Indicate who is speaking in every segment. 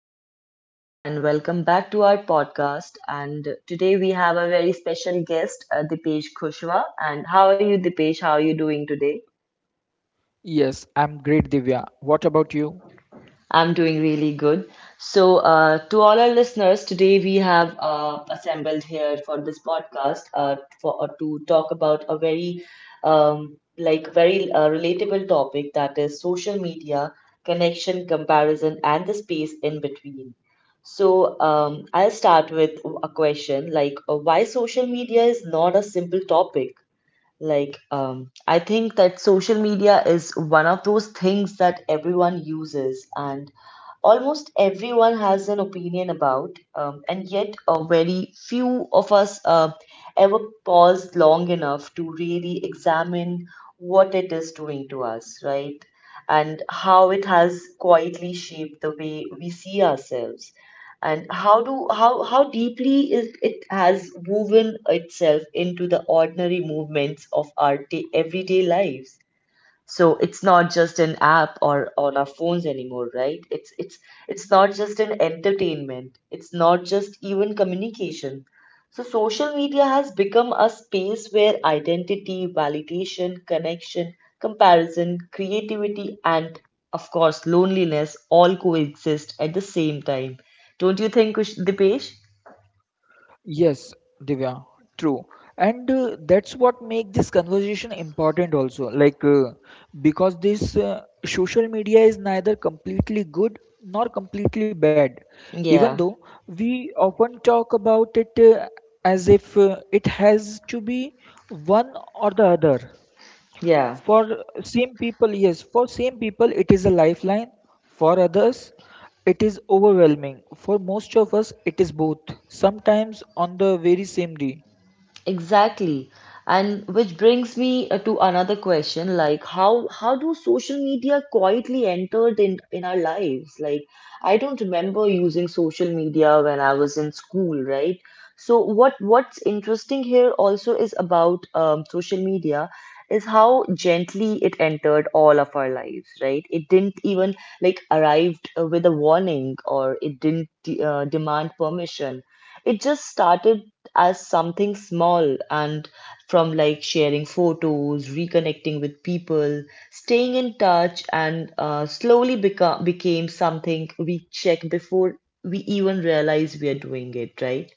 Speaker 1: all our listeners, and welcome back to our podcast. And today we have a very special guest, Dipesh Kushwa. And how are you, Dipesh? How are you doing today?
Speaker 2: Yes, I'm great, Divya. What about you?
Speaker 1: I'm doing really good. So, to all our listeners, today we have assembled here for this podcast for to talk about a very relatable topic, that is social media, connection, comparison, and the space in between. So, I'll start with a question like why social media is not a simple topic. Like, I think that social media is one of those things that everyone uses, and almost everyone has an opinion about, and yet very few of us ever pause long enough to really examine what it is doing to us, right? And how it has quietly shaped the way we see ourselves. And how do how deeply is it has woven itself into the ordinary movements of our day, everyday lives? So it's not just an app or on our phones anymore, right? It's not just an entertainment. It's not just even communication. So social media has become a space where identity, validation, connection, comparison, creativity, and of course loneliness all coexist at the same time. Don't you think, Dipesh?
Speaker 2: Yes, Divya, true. And that's what make this conversation important also. Because this social media is neither completely good nor completely bad. Even
Speaker 1: Yeah,
Speaker 2: though we often talk about it as if it has to be one or the other.
Speaker 1: yeah.
Speaker 2: For same people, yes, for same people, it is a lifeline. For others, it is overwhelming. For most of us, it is both, sometimes on the very same day.
Speaker 1: Exactly. And which brings me to another question, like how do social media quietly entered in our lives? Like I don't remember using social media when I was in school, right? So what's interesting here also is about social media is how gently it entered all of our lives, right? It didn't even like arrived with a warning, or it didn't demand permission, it just started as something small and from like sharing photos, reconnecting with people, staying in touch, and slowly become became something we check before we even realize we are doing it, right?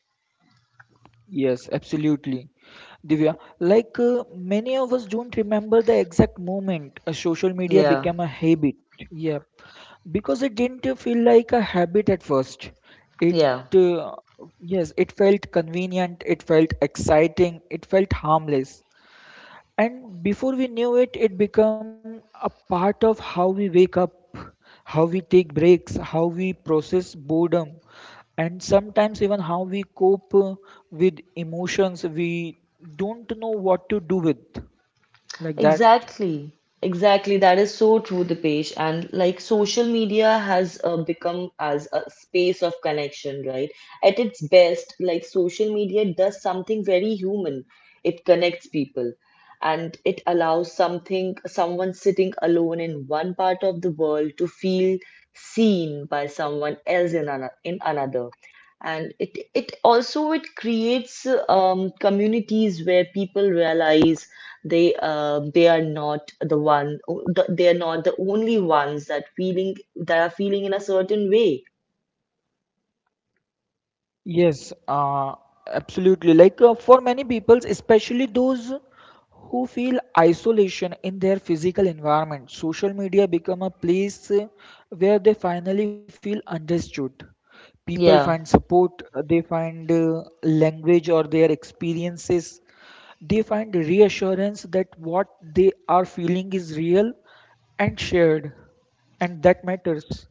Speaker 2: Yes, absolutely. Divya, many of us don't remember the exact moment a social media
Speaker 1: Yeah,
Speaker 2: became a habit. Yeah, because it didn't feel like a habit at first. It,
Speaker 1: yeah.
Speaker 2: uh, yes, it felt convenient, it felt exciting, it felt harmless. And before we knew it, it become a part of how we wake up, how we take breaks, how we process boredom, and sometimes even how we cope with emotions we don't know what to do with, like that.
Speaker 1: Exactly, exactly. That is so true, Dipesh. And like social media has become as a space of connection, right? At its best, like social media does something very human. It connects people, and it allows something, someone sitting alone in one part of the world to feel seen by someone else in another, in another. And it also it creates communities where people realize they are not they are not the only ones that feeling that are feeling in a certain way.
Speaker 2: Yes, absolutely. For many people, especially those who feel isolation in their physical environment, social media become a place where they finally feel understood. People find
Speaker 1: Yeah,
Speaker 2: support, they find language or their experiences. They find reassurance that what they are feeling is real and shared, and that matters.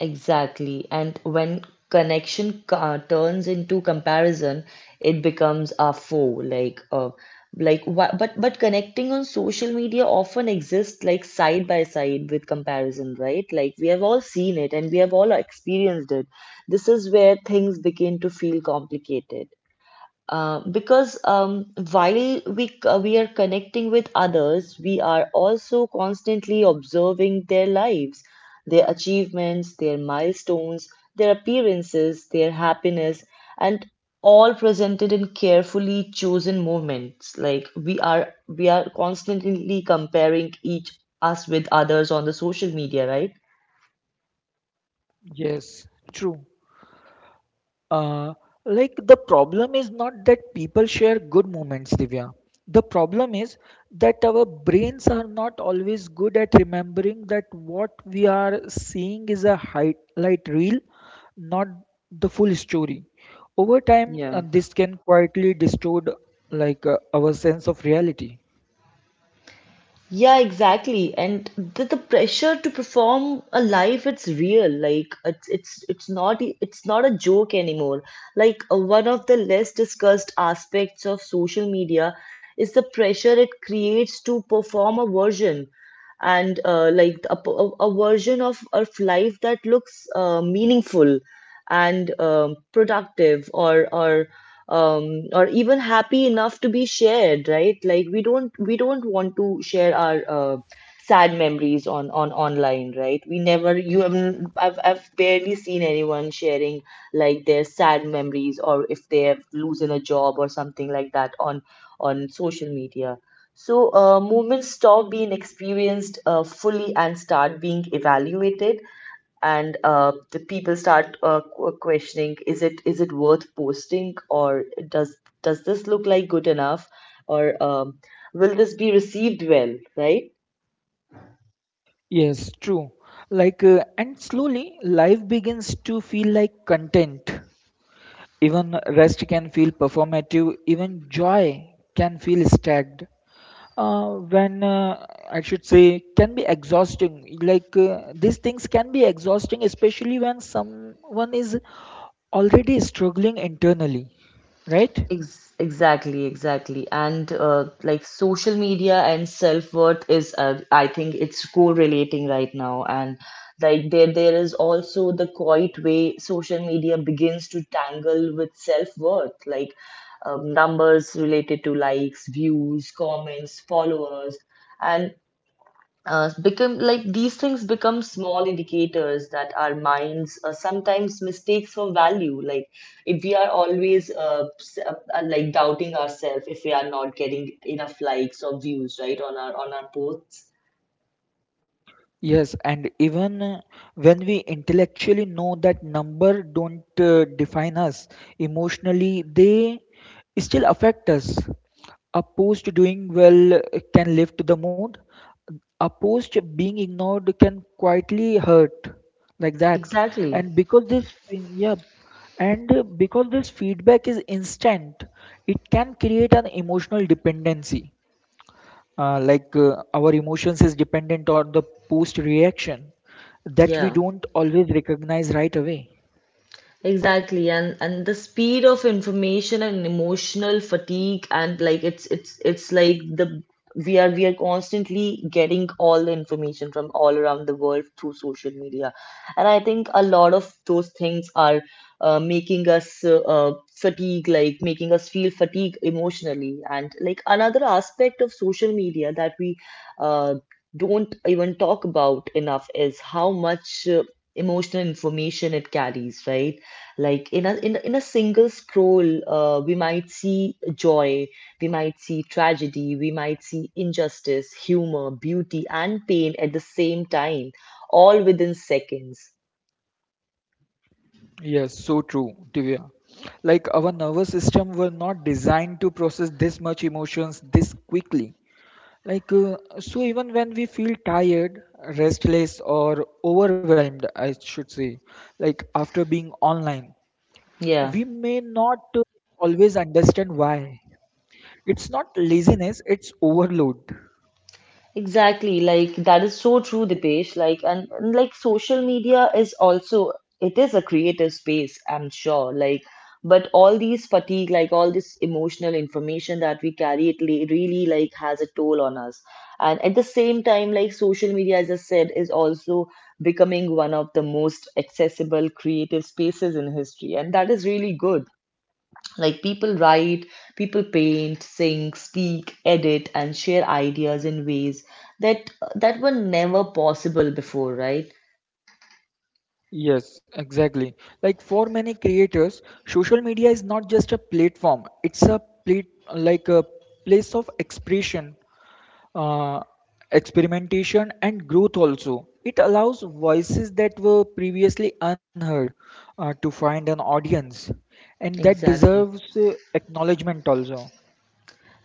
Speaker 1: exactly. And when connection ca turns into comparison, it becomes a foe. Like, but connecting on social media often exists like side by side with comparison, right? Like we have all seen it and we have all experienced it. This is where things begin to feel complicated. Because while we are connecting with others, we are also constantly observing their lives, their achievements, their milestones, their appearances, their happiness, and all presented in carefully chosen moments. Like we are constantly comparing each us with others on the social media, right?
Speaker 2: Yes, true. Uh, like the problem is not that people share good moments, Divya. The problem is that our brains are not always good at remembering that what we are seeing is a highlight reel, not the full story. Over time,
Speaker 1: Yeah.
Speaker 2: this can quietly distort our sense of reality.
Speaker 1: Yeah, exactly. And the pressure to perform a life, it's real. Like it's not it's not a joke anymore. Like one of the less discussed aspects of social media is the pressure it creates to perform a version and like a version of life that looks meaningful and productive or um, or even happy enough to be shared, right? Like we don't want to share our sad memories on online, right? We never, you have, I've barely seen anyone sharing like their sad memories, or if they have losing a job or something like that on social media. So movements stop being experienced fully and start being evaluated, and the people start questioning, is it worth posting, or does does this look like good enough, or will this be received well, right?
Speaker 2: Yes, true. And slowly life begins to feel like content. Even rest can feel performative, even joy can feel stacked. When I should say, can be exhausting. These things can be exhausting, especially when someone is already struggling internally, right?
Speaker 1: Ex Exactly, exactly. And like social media and self-worth is, I think it's correlating right now. And like there is also the quiet way social media begins to tangle with self-worth, like numbers related to likes, views, comments, followers. And become like these things become small indicators that our minds sometimes mistakes for value, like if we are always like doubting ourselves if we are not getting enough likes or views, right, on our posts.
Speaker 2: Yes, and even when we intellectually know that number don't define us emotionally, they still affect us. A post doing well can lift the mood. A post being ignored can quietly hurt, like that.
Speaker 1: Exactly,
Speaker 2: And because this, yeah, and because this feedback is instant, it can create an emotional dependency our emotions is dependent on the post reaction that we
Speaker 1: yeah.
Speaker 2: don't always recognize right away.
Speaker 1: Exactly, and the speed of information and emotional fatigue, and like it's like the we are constantly getting all the information from all around the world through social media, and I think a lot of those things are making us fatigue, like making us feel fatigue emotionally. And like another aspect of social media that we uh, don't even talk about enough is how much emotional information it carries, right? Like in in a single scroll, we might see joy, we might see tragedy, we might see injustice, humor, beauty, and pain at the same time, all within seconds.
Speaker 2: Yes, so true, Divya. Like our nervous system were not designed to process this much emotions this quickly. So, even when we feel tired, restless, or overwhelmed, I should say, like after being online,
Speaker 1: Yeah.
Speaker 2: we may not always understand why. It's not laziness; it's overload.
Speaker 1: Exactly, like that is so true, Dipesh. Like and like social media is also it is a creative space, I'm sure. Like, but all these fatigue, like all this emotional information that we carry, really like has a toll on us. And at the same time, like social media, as I said, is also becoming one of the most accessible creative spaces in history, and that is really good. Like people write, people paint, sing, speak, edit, and share ideas in ways that that were never possible before, right?
Speaker 2: Yes, exactly. Like for many creators, social media is not just a platform, it's a plate, like a place of expression, uh, experimentation and growth also. It allows voices that were previously unheard to find an audience and that
Speaker 1: Exactly.
Speaker 2: deserves acknowledgement also.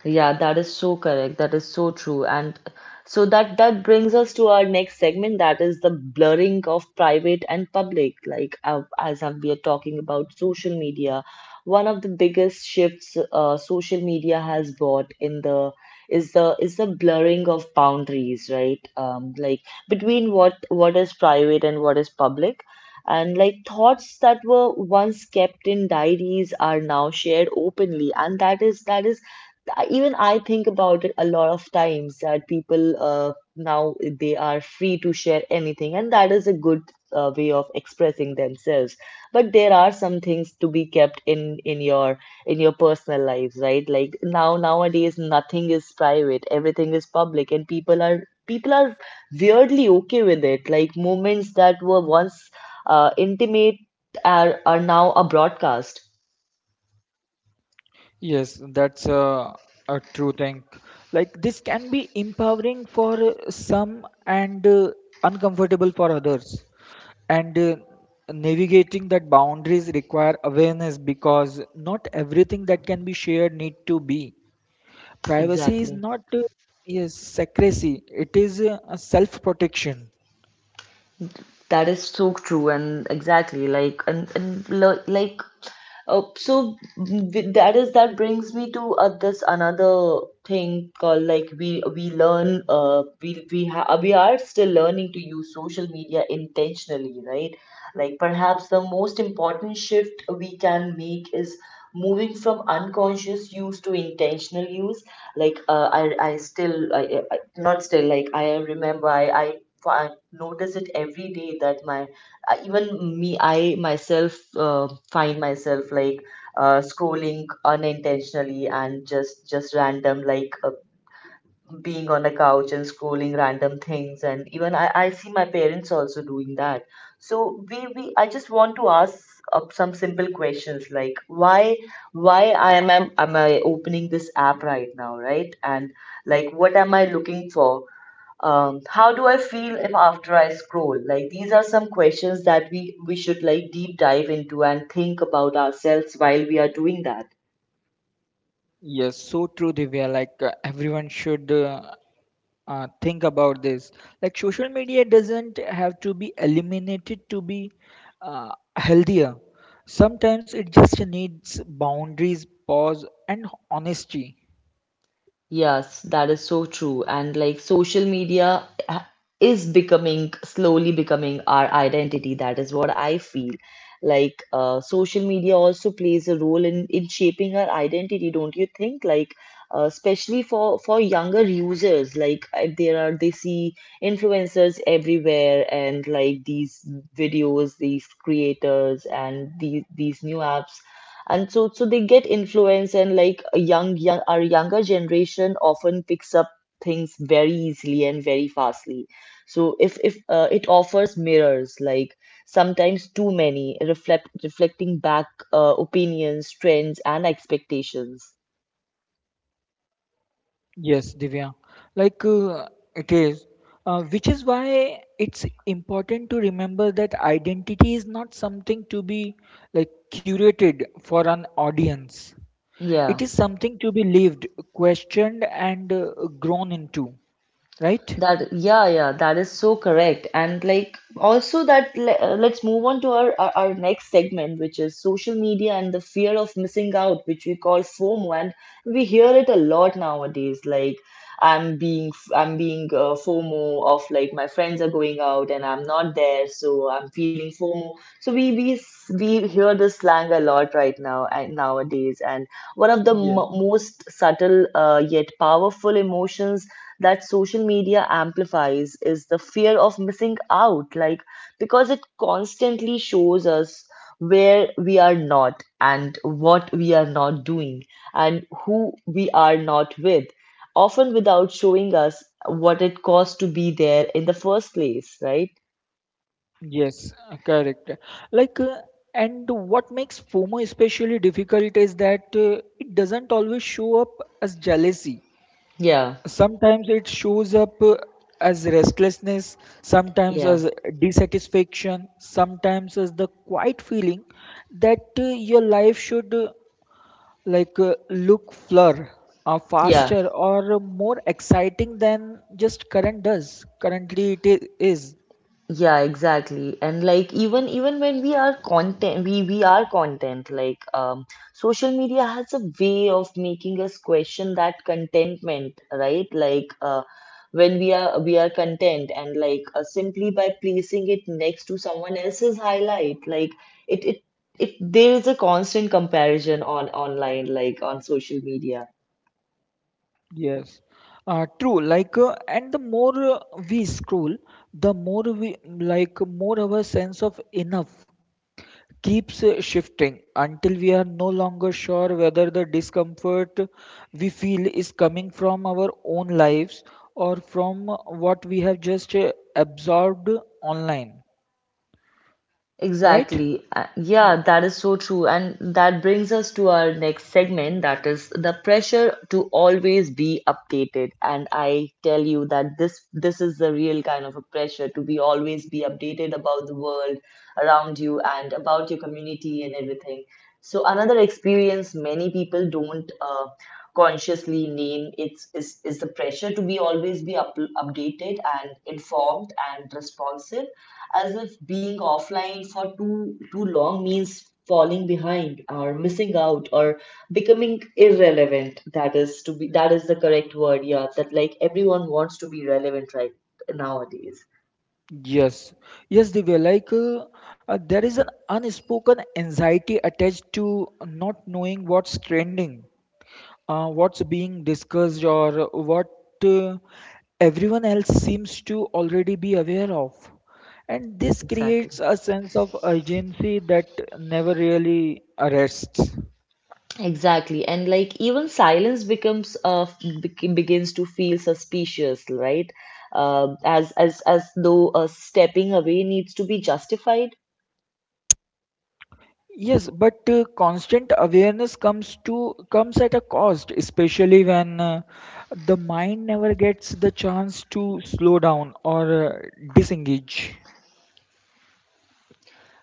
Speaker 1: Yeah, that is so correct. That is so true. And so that brings us to our next segment, that is the blurring of private and public. Like we are talking about social media, one of the biggest shifts social media has brought in the is the is the blurring of boundaries, right? Like between what is private and what is public. And like thoughts that were once kept in diaries are now shared openly. And that is, even I think about it a lot of times, that people now they are free to share anything, and that is a good way of expressing themselves. But there are some things to be kept in your personal lives, right? Like now nowadays nothing is private, everything is public, and people are weirdly okay with it. Like moments that were once intimate are now a broadcast.
Speaker 2: Yes, a true thing. Like this can be empowering for some and uncomfortable for others. And navigating that boundaries require awareness because not everything that can be shared need to be. Privacy is
Speaker 1: Exactly.
Speaker 2: not, yes, secrecy. It is a self-protection.
Speaker 1: That is so true and exactly like and lo- like so with- that is that brings me to this another thing called like we learn we ha we are still learning to use social media intentionally, right? Like perhaps the most important shift we can make is moving from unconscious use to intentional use. Like I still I- not still, like I remember I notice it every day that my even me, I myself find myself like scrolling unintentionally and just random, like being on a couch and scrolling random things. And even I see my parents also doing that. So we I just want to ask some simple questions, like why I am I opening this app right now, right? And like what am I looking for? How do I feel if after I scroll? Like these are some questions that we should like deep dive into and think about ourselves while we are doing that.
Speaker 2: Yes, so true, Divya. Everyone should think about this. Like social media doesn't have to be eliminated to be uh, healthier. Sometimes it just needs boundaries, pause, and honesty.
Speaker 1: Yes, that is so true. And like is becoming slowly becoming our identity. That is what I feel. Like social media also plays a role in shaping our identity, don't you think? Like especially for younger users, like there are they see influencers everywhere, and like these videos, these creators, and these new apps, and so they get influence. And like a young young our younger generation often picks up things very easily and very fastly. So if it offers mirrors, like sometimes too many reflecting back opinions, trends, and expectations.
Speaker 2: Yes, Divya. Like uh, it is, which is why it's important to remember that identity is not something to be like curated for an audience. It
Speaker 1: Yeah.
Speaker 2: is something to be lived, questioned, and grown into, right?
Speaker 1: That, yeah, yeah, that is so correct. And like, also let's move on to our next segment, which is social media and the fear of missing out, which we call FOMO, and we hear it a lot nowadays. Like, I'm being FOMO of like my friends are going out and I'm not there, so I'm feeling FOMO. So we hear this slang a lot right now and nowadays, and one of the m
Speaker 2: Yes.
Speaker 1: most subtle yet powerful emotions that social media amplifies is the fear of missing out, like because it constantly shows us where we are not and what we are not doing and who we are not with, often without showing us what it costs to be there in the first place, right?
Speaker 2: Yes, correct. Like, uh, and what makes FOMO especially difficult is that it doesn't always show up as jealousy.
Speaker 1: Yeah,
Speaker 2: Sometimes it shows up as restlessness, sometimes
Speaker 1: yeah,
Speaker 2: as dissatisfaction, sometimes as the quiet feeling that your life should look Fleur are
Speaker 1: yeah.
Speaker 2: faster or more exciting than just current does. Currently, is.
Speaker 1: Yeah, exactly. And like even when we are content, we are content. Like social media has a way of making us question that contentment, right? Like when we are content, and like simply by placing it next to someone else's highlight, like it it it there is a constant comparison on online, like on social media.
Speaker 2: Yes, true. And the more we scroll, the more we like more our sense of enough keeps shifting until we are no longer sure whether the discomfort we feel is coming from our own lives or from what we have just absorbed online. Right?
Speaker 1: Exactly. Yeah, that is so true. And that brings us to our next segment, that is the pressure to always be updated. And I tell you that this is the real kind of a pressure to be always be updated about the world around you and about your community and everything. So another experience many people don't consciously name it's is the pressure to be always be up, updated and informed and responsive as if being offline for too long means falling behind or missing out or becoming irrelevant, that is to be, that is the correct word, yeah, that like everyone wants to be relevant, right, nowadays.
Speaker 2: Yes, yes, Divya. There is an unspoken anxiety attached to not knowing what's trending, what's being discussed, or what uh, everyone else seems to already be aware of. And this
Speaker 1: Exactly.
Speaker 2: creates a sense of urgency that never really arrests.
Speaker 1: Exactly, and like even silence becomes begins to feel suspicious, right, as though stepping away needs to be justified.
Speaker 2: Yes, but constant awareness comes at a cost, especially when the mind never gets the chance to slow down or disengage.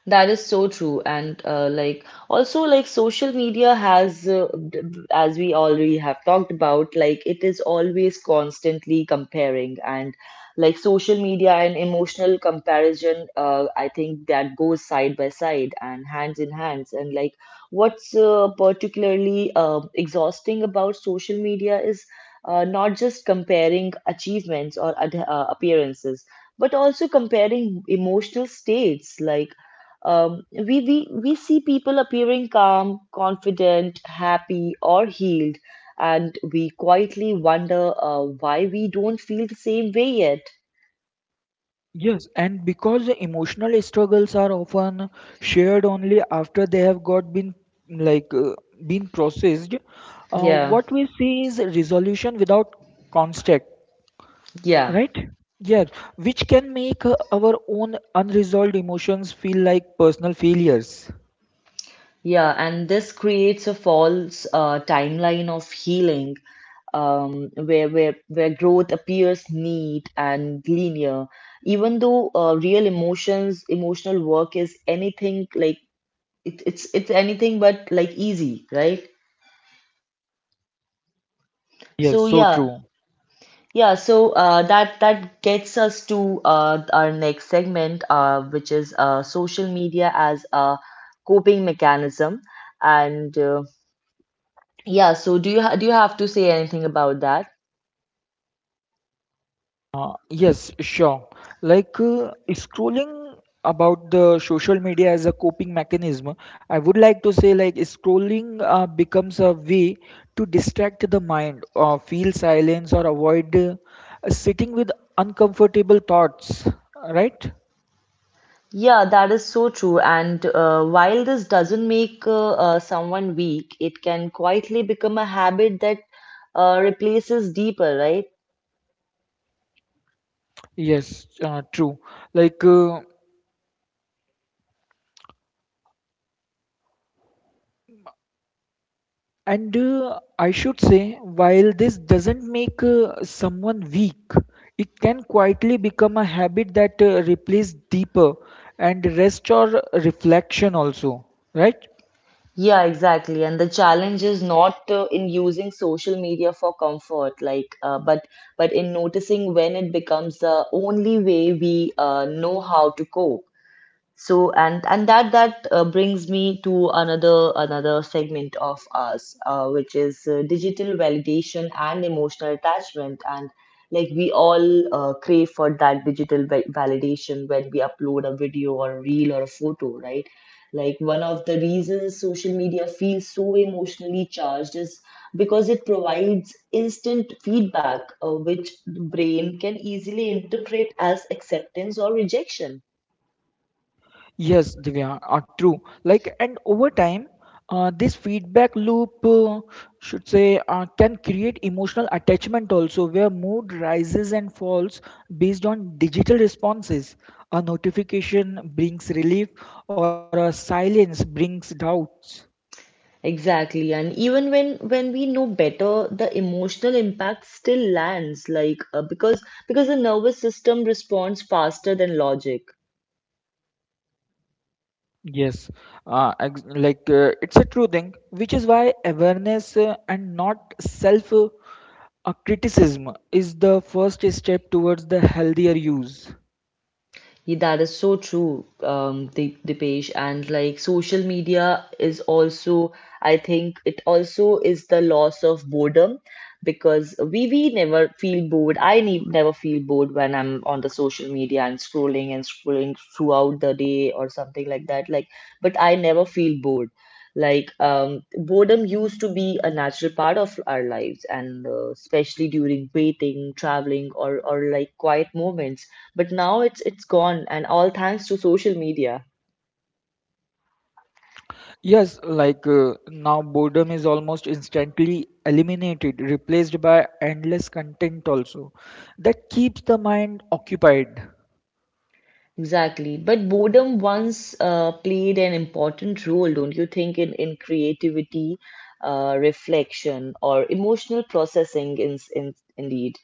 Speaker 1: That is so true. And like also like social media has as we already have talked about, like it is always constantly comparing, and like social media and emotional comparison, I think that goes side by side and hands in hands. And like what's particularly exhausting about social media is not just comparing achievements or appearances, but also comparing emotional states. Like we see people appearing calm, confident, happy, or healed, and we quietly wonder why we don't feel the same way yet.
Speaker 2: Yes, and because the emotional struggles are often shared only after they have got been like been processed,
Speaker 1: Yeah,
Speaker 2: what we see is resolution without construct,
Speaker 1: yeah,
Speaker 2: right? Yeah, which can make our own unresolved emotions feel like personal failures.
Speaker 1: yeah. And this creates a false timeline of healing, where growth appears neat and linear, even though real emotions, emotional work is anything like it's anything but like easy, right? So
Speaker 2: Yes, so
Speaker 1: yeah.
Speaker 2: true.
Speaker 1: Yeah, so that gets us to our next segment, which is social media as a coping mechanism. And yeah, so do you ha do you have to say anything about that?
Speaker 2: Yes, sure. Scrolling about the social media as a coping mechanism, I would like to say like scrolling becomes a way to distract the mind or feel silence or avoid sitting with uncomfortable thoughts, right?
Speaker 1: Yeah, that is so true. And while this doesn't make someone weak, it can quietly become a habit that replaces deeper, right?
Speaker 2: Yes, true. Like uh, And I should say, while this doesn't make someone weak, it can quietly become a habit that replaces deeper and rest or reflection also, right?
Speaker 1: Yeah, exactly. And the challenge is not in using social media for comfort, but but in noticing when it becomes the only way we know how to cope. So and that brings me to another segment of us, which is digital validation and emotional attachment. And like we all crave for that digital validation when we upload a video or a reel or a photo, right? Like one of the reasons social media feels so emotionally charged is because it provides instant feedback, which the brain can easily interpret as acceptance or rejection.
Speaker 2: Yes, Divya, are true. Like, and over time, this feedback loop, should say, can create emotional attachment also, where mood rises and falls based on digital responses. A notification brings relief, or a silence brings doubts.
Speaker 1: Exactly. And even when we know better, the emotional impact still lands, like because the nervous system responds faster than logic.
Speaker 2: Yes, it's a true thing, which is why awareness and not self- criticism is the first step towards the healthier use.
Speaker 1: Yeah, that is so true, Dipesh. And like social media is also, I think it also is the loss of boredom, because we never feel bored. I ne never feel bored when I'm on the social media and scrolling throughout the day or something like that. Like, but I never feel bored. Like, boredom used to be a natural part of our lives, and especially during waiting, traveling, or like quiet moments, but now it's gone, and all thanks to social media.
Speaker 2: Yes, now boredom is almost instantly eliminated, replaced by endless content also that keeps the mind occupied.
Speaker 1: Exactly, but boredom once played an important role, don't you think, in creativity, reflection or emotional processing, in indeed.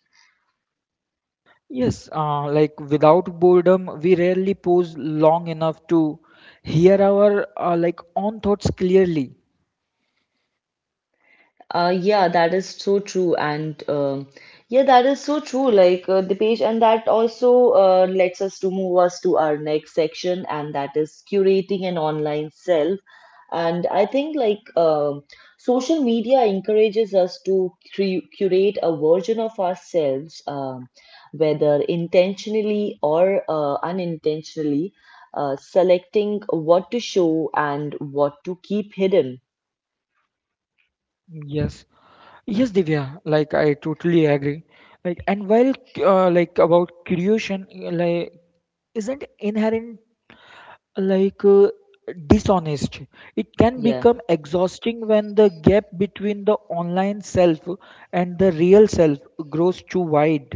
Speaker 2: Yes, like without boredom, we rarely pause long enough to hear our own thoughts clearly.
Speaker 1: Yeah, that is so true, and yeah, that is so true. Like the page, and that also lets us to move us to our next section, and that is curating an online self. And I think like social media encourages us to cre curate a version of ourselves, whether intentionally or unintentionally, selecting what to show and what to keep hidden.
Speaker 2: Yes. Yes, Divya, like I totally agree. Like, and while like about creation, like isn't inherent like uh, dishonest, it can
Speaker 1: Yeah.
Speaker 2: become exhausting when the gap between the online self and the real self grows too wide.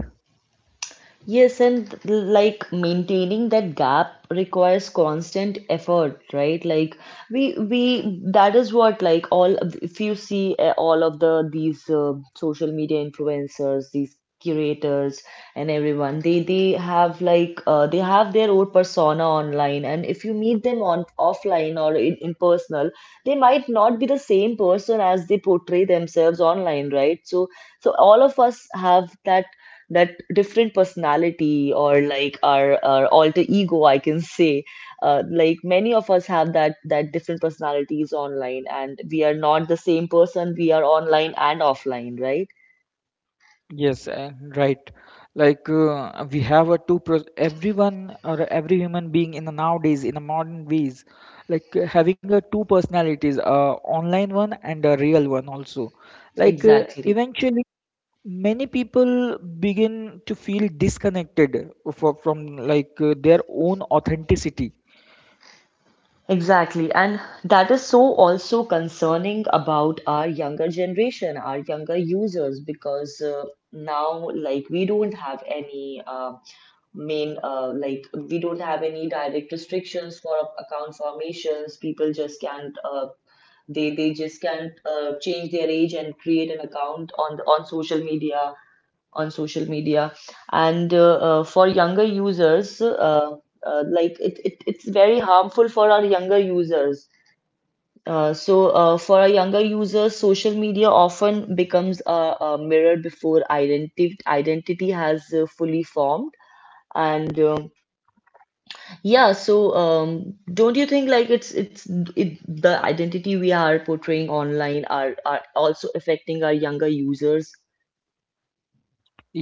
Speaker 1: Yes, and like maintaining that gap requires constant effort, right? Like we that is what like all, if you see all of the these social media influencers, these curators and everyone, they have like they have their own persona online, and if you meet them on offline or in personal, they might not be the same person as they portray themselves online, right? So so all of us have that different personality, or like our alter ego, I can say. Like many of us have that different personalities online, and we are not the same person we are online and offline, right?
Speaker 2: Yes and right, we have a everyone or every human being in the nowadays in the modern ways, having a two personalities online one and a real one also,
Speaker 1: Exactly.
Speaker 2: eventually many people begin to feel disconnected from their own authenticity.
Speaker 1: Exactly, and that is so also concerning about our younger generation, our younger users, because now, like, we don't have any main like we don't have any direct restrictions for account formations. People just can't they just can't change their age and create an account on the, on social media, on social media. And for younger users, like it it's very harmful for our younger users. So for a younger user, social media often becomes a mirror before identity has fully formed. And yeah, so don't you think like the identity we are portraying online are also affecting our younger users?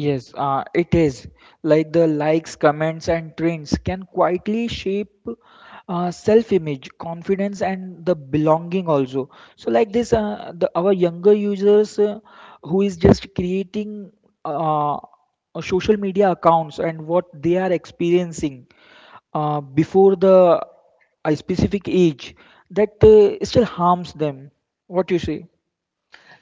Speaker 2: Yes, it is. Like the likes, comments, and trends can quietly shape self-image, confidence, and the belonging also. So, like this, the our younger users who is just creating uh, social media accounts and what they are experiencing before the a specific age that still harms them. What you say?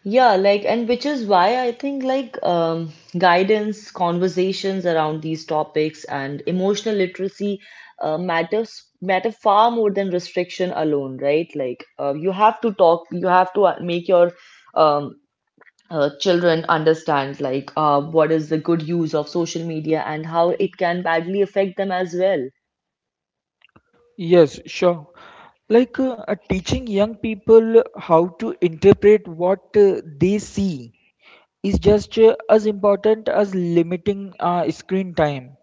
Speaker 1: Yeah, like, and which is why I think like guidance, conversations around these topics, and emotional literacy matter far more than restriction alone, right? Like you have to talk, you have to make your um, children understand like what is the good use of social media and how it can badly affect them as well.
Speaker 2: Yes, sure. Teaching young people how to interpret what they see is just as important as limiting screen time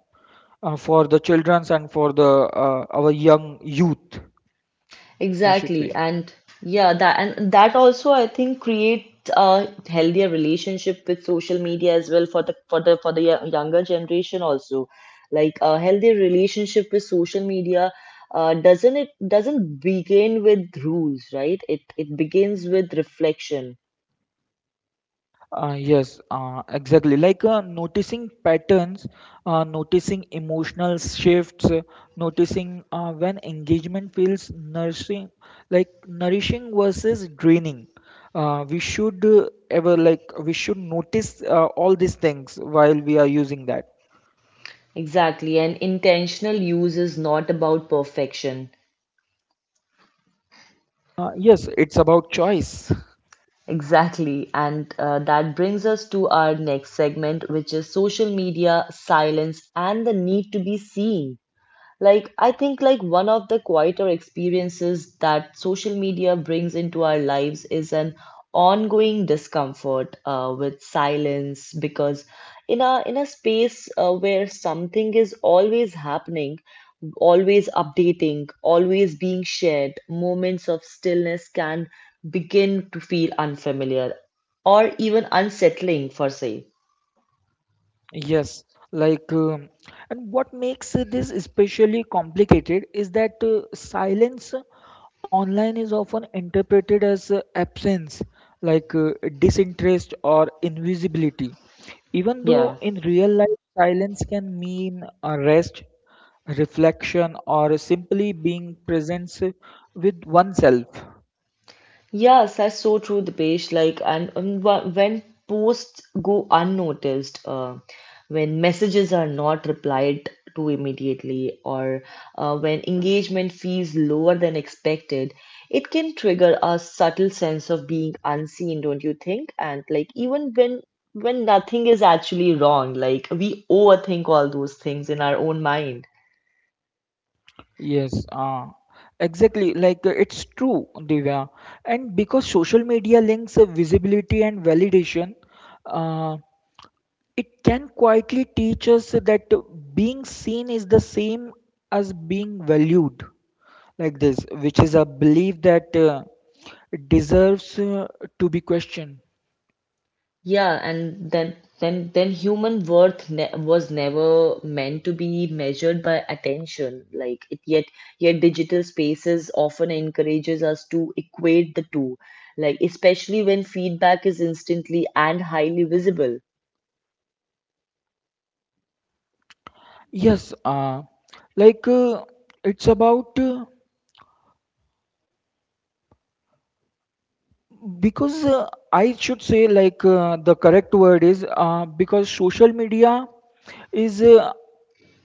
Speaker 2: for the childrens and for the our young youth, I should say.
Speaker 1: Exactly. And yeah, that, and that also I think create a healthier relationship with social media as well for the for the for the younger generation also. Like a healthy relationship with social media doesn't it doesn't begin with rules, right? It begins with reflection.
Speaker 2: Yes, exactly. Noticing patterns, noticing emotional shifts, noticing when engagement feels nourishing, like nourishing versus draining. We should notice all these things while we are using that.
Speaker 1: Exactly, and intentional use is not about perfection.
Speaker 2: Yes, it's about choice.
Speaker 1: Exactly. And that brings us to our next segment, which is social media, silence, and the need to be seen. Like, I think like one of the quieter experiences that social media brings into our lives is an ongoing discomfort with silence, because in a space where something is always happening, always updating, always being shared, moments of stillness can begin to feel unfamiliar or even unsettling for say.
Speaker 2: Yes, like, and what makes this especially complicated is that silence online is often interpreted as absence, like uh, disinterest or invisibility. Even
Speaker 1: Yeah.
Speaker 2: though in real life, silence can mean a rest, reflection, or simply being present with oneself.
Speaker 1: Yes, that's so true, Dipesh. Like, and when posts go unnoticed, when messages are not replied to immediately, or when engagement feels lower than expected, it can trigger a subtle sense of being unseen, don't you think? And like, even when nothing is actually wrong, like we overthink all those things in our own mind.
Speaker 2: Yes, exactly. It's true, Divya. And because social media links visibility and validation, uh, it can quietly teach us that being seen is the same as being valued, like this, which is a belief that deserves to be questioned.
Speaker 1: Yeah, and then human worth ne was never meant to be measured by attention. Like it, yet digital spaces often encourages us to equate the two, like especially when feedback is instantly and highly visible.
Speaker 2: Yes, like uh, it's about. Because I should say, the correct word is because social media is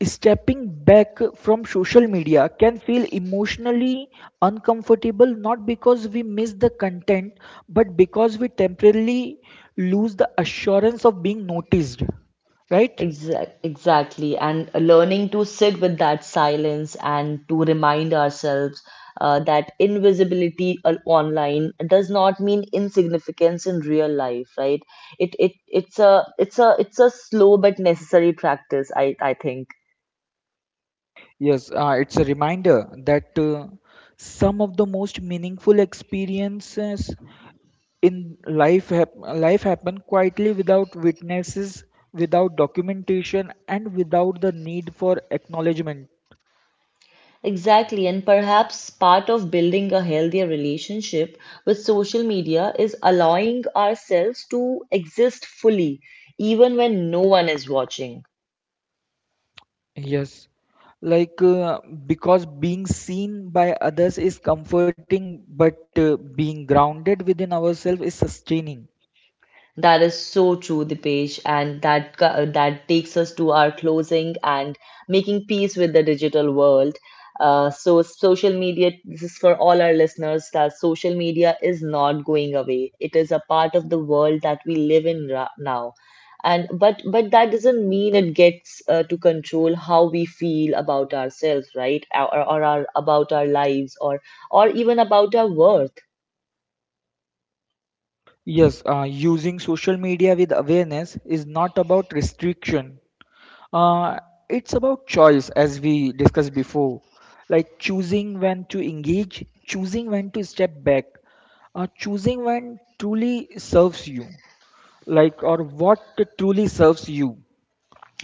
Speaker 2: stepping back from social media can feel emotionally uncomfortable, not because we miss the content, but because we temporarily lose the assurance of being noticed, right?
Speaker 1: Exactly. And learning to sit with that silence and to remind ourselves that invisibility online does not mean insignificance in real life, right? It it's a it's a It's a slow but necessary practice, I think.
Speaker 2: Yes, it's a reminder that some of the most meaningful experiences in life happened quietly without witnesses, without documentation, and without the need for acknowledgement.
Speaker 1: Exactly, and perhaps part of building a healthier relationship with social media is allowing ourselves to exist fully, even when no one is watching.
Speaker 2: Yes, like uh, because being seen by others is comforting but being grounded within ourselves is sustaining.
Speaker 1: That is so true, Dipesh, and that that takes us to our closing and making peace with the digital world. So social media, this is for all our listeners, that social media is not going away. It is a part of the world that we live in ra now. And but that doesn't mean it gets to control how we feel about ourselves, right? Or our about our lives, or even about our worth.
Speaker 2: Yes, using social media with awareness is not about restriction. Uh, it's about choice, as we discussed before, like choosing when to engage, choosing when to step back, choosing when truly serves you, like or what truly serves you.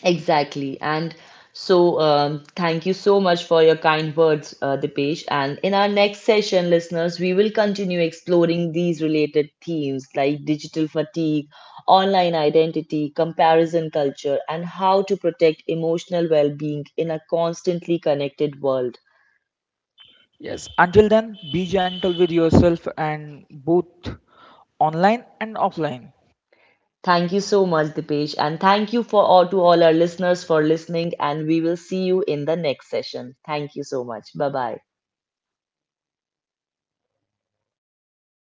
Speaker 1: Exactly. And so, thank you so much for your kind words, Dipesh. And in our next session, listeners, we will continue exploring these related themes, like digital fatigue, online identity, comparison culture, and how to protect emotional well being in a constantly connected world.
Speaker 2: Yes, until then, be gentle with yourself and both online and offline.
Speaker 1: Thank you so much, Dipesh. And thank you for all to all our listeners for listening. And we will see you in the next session. Thank you so much. Bye bye.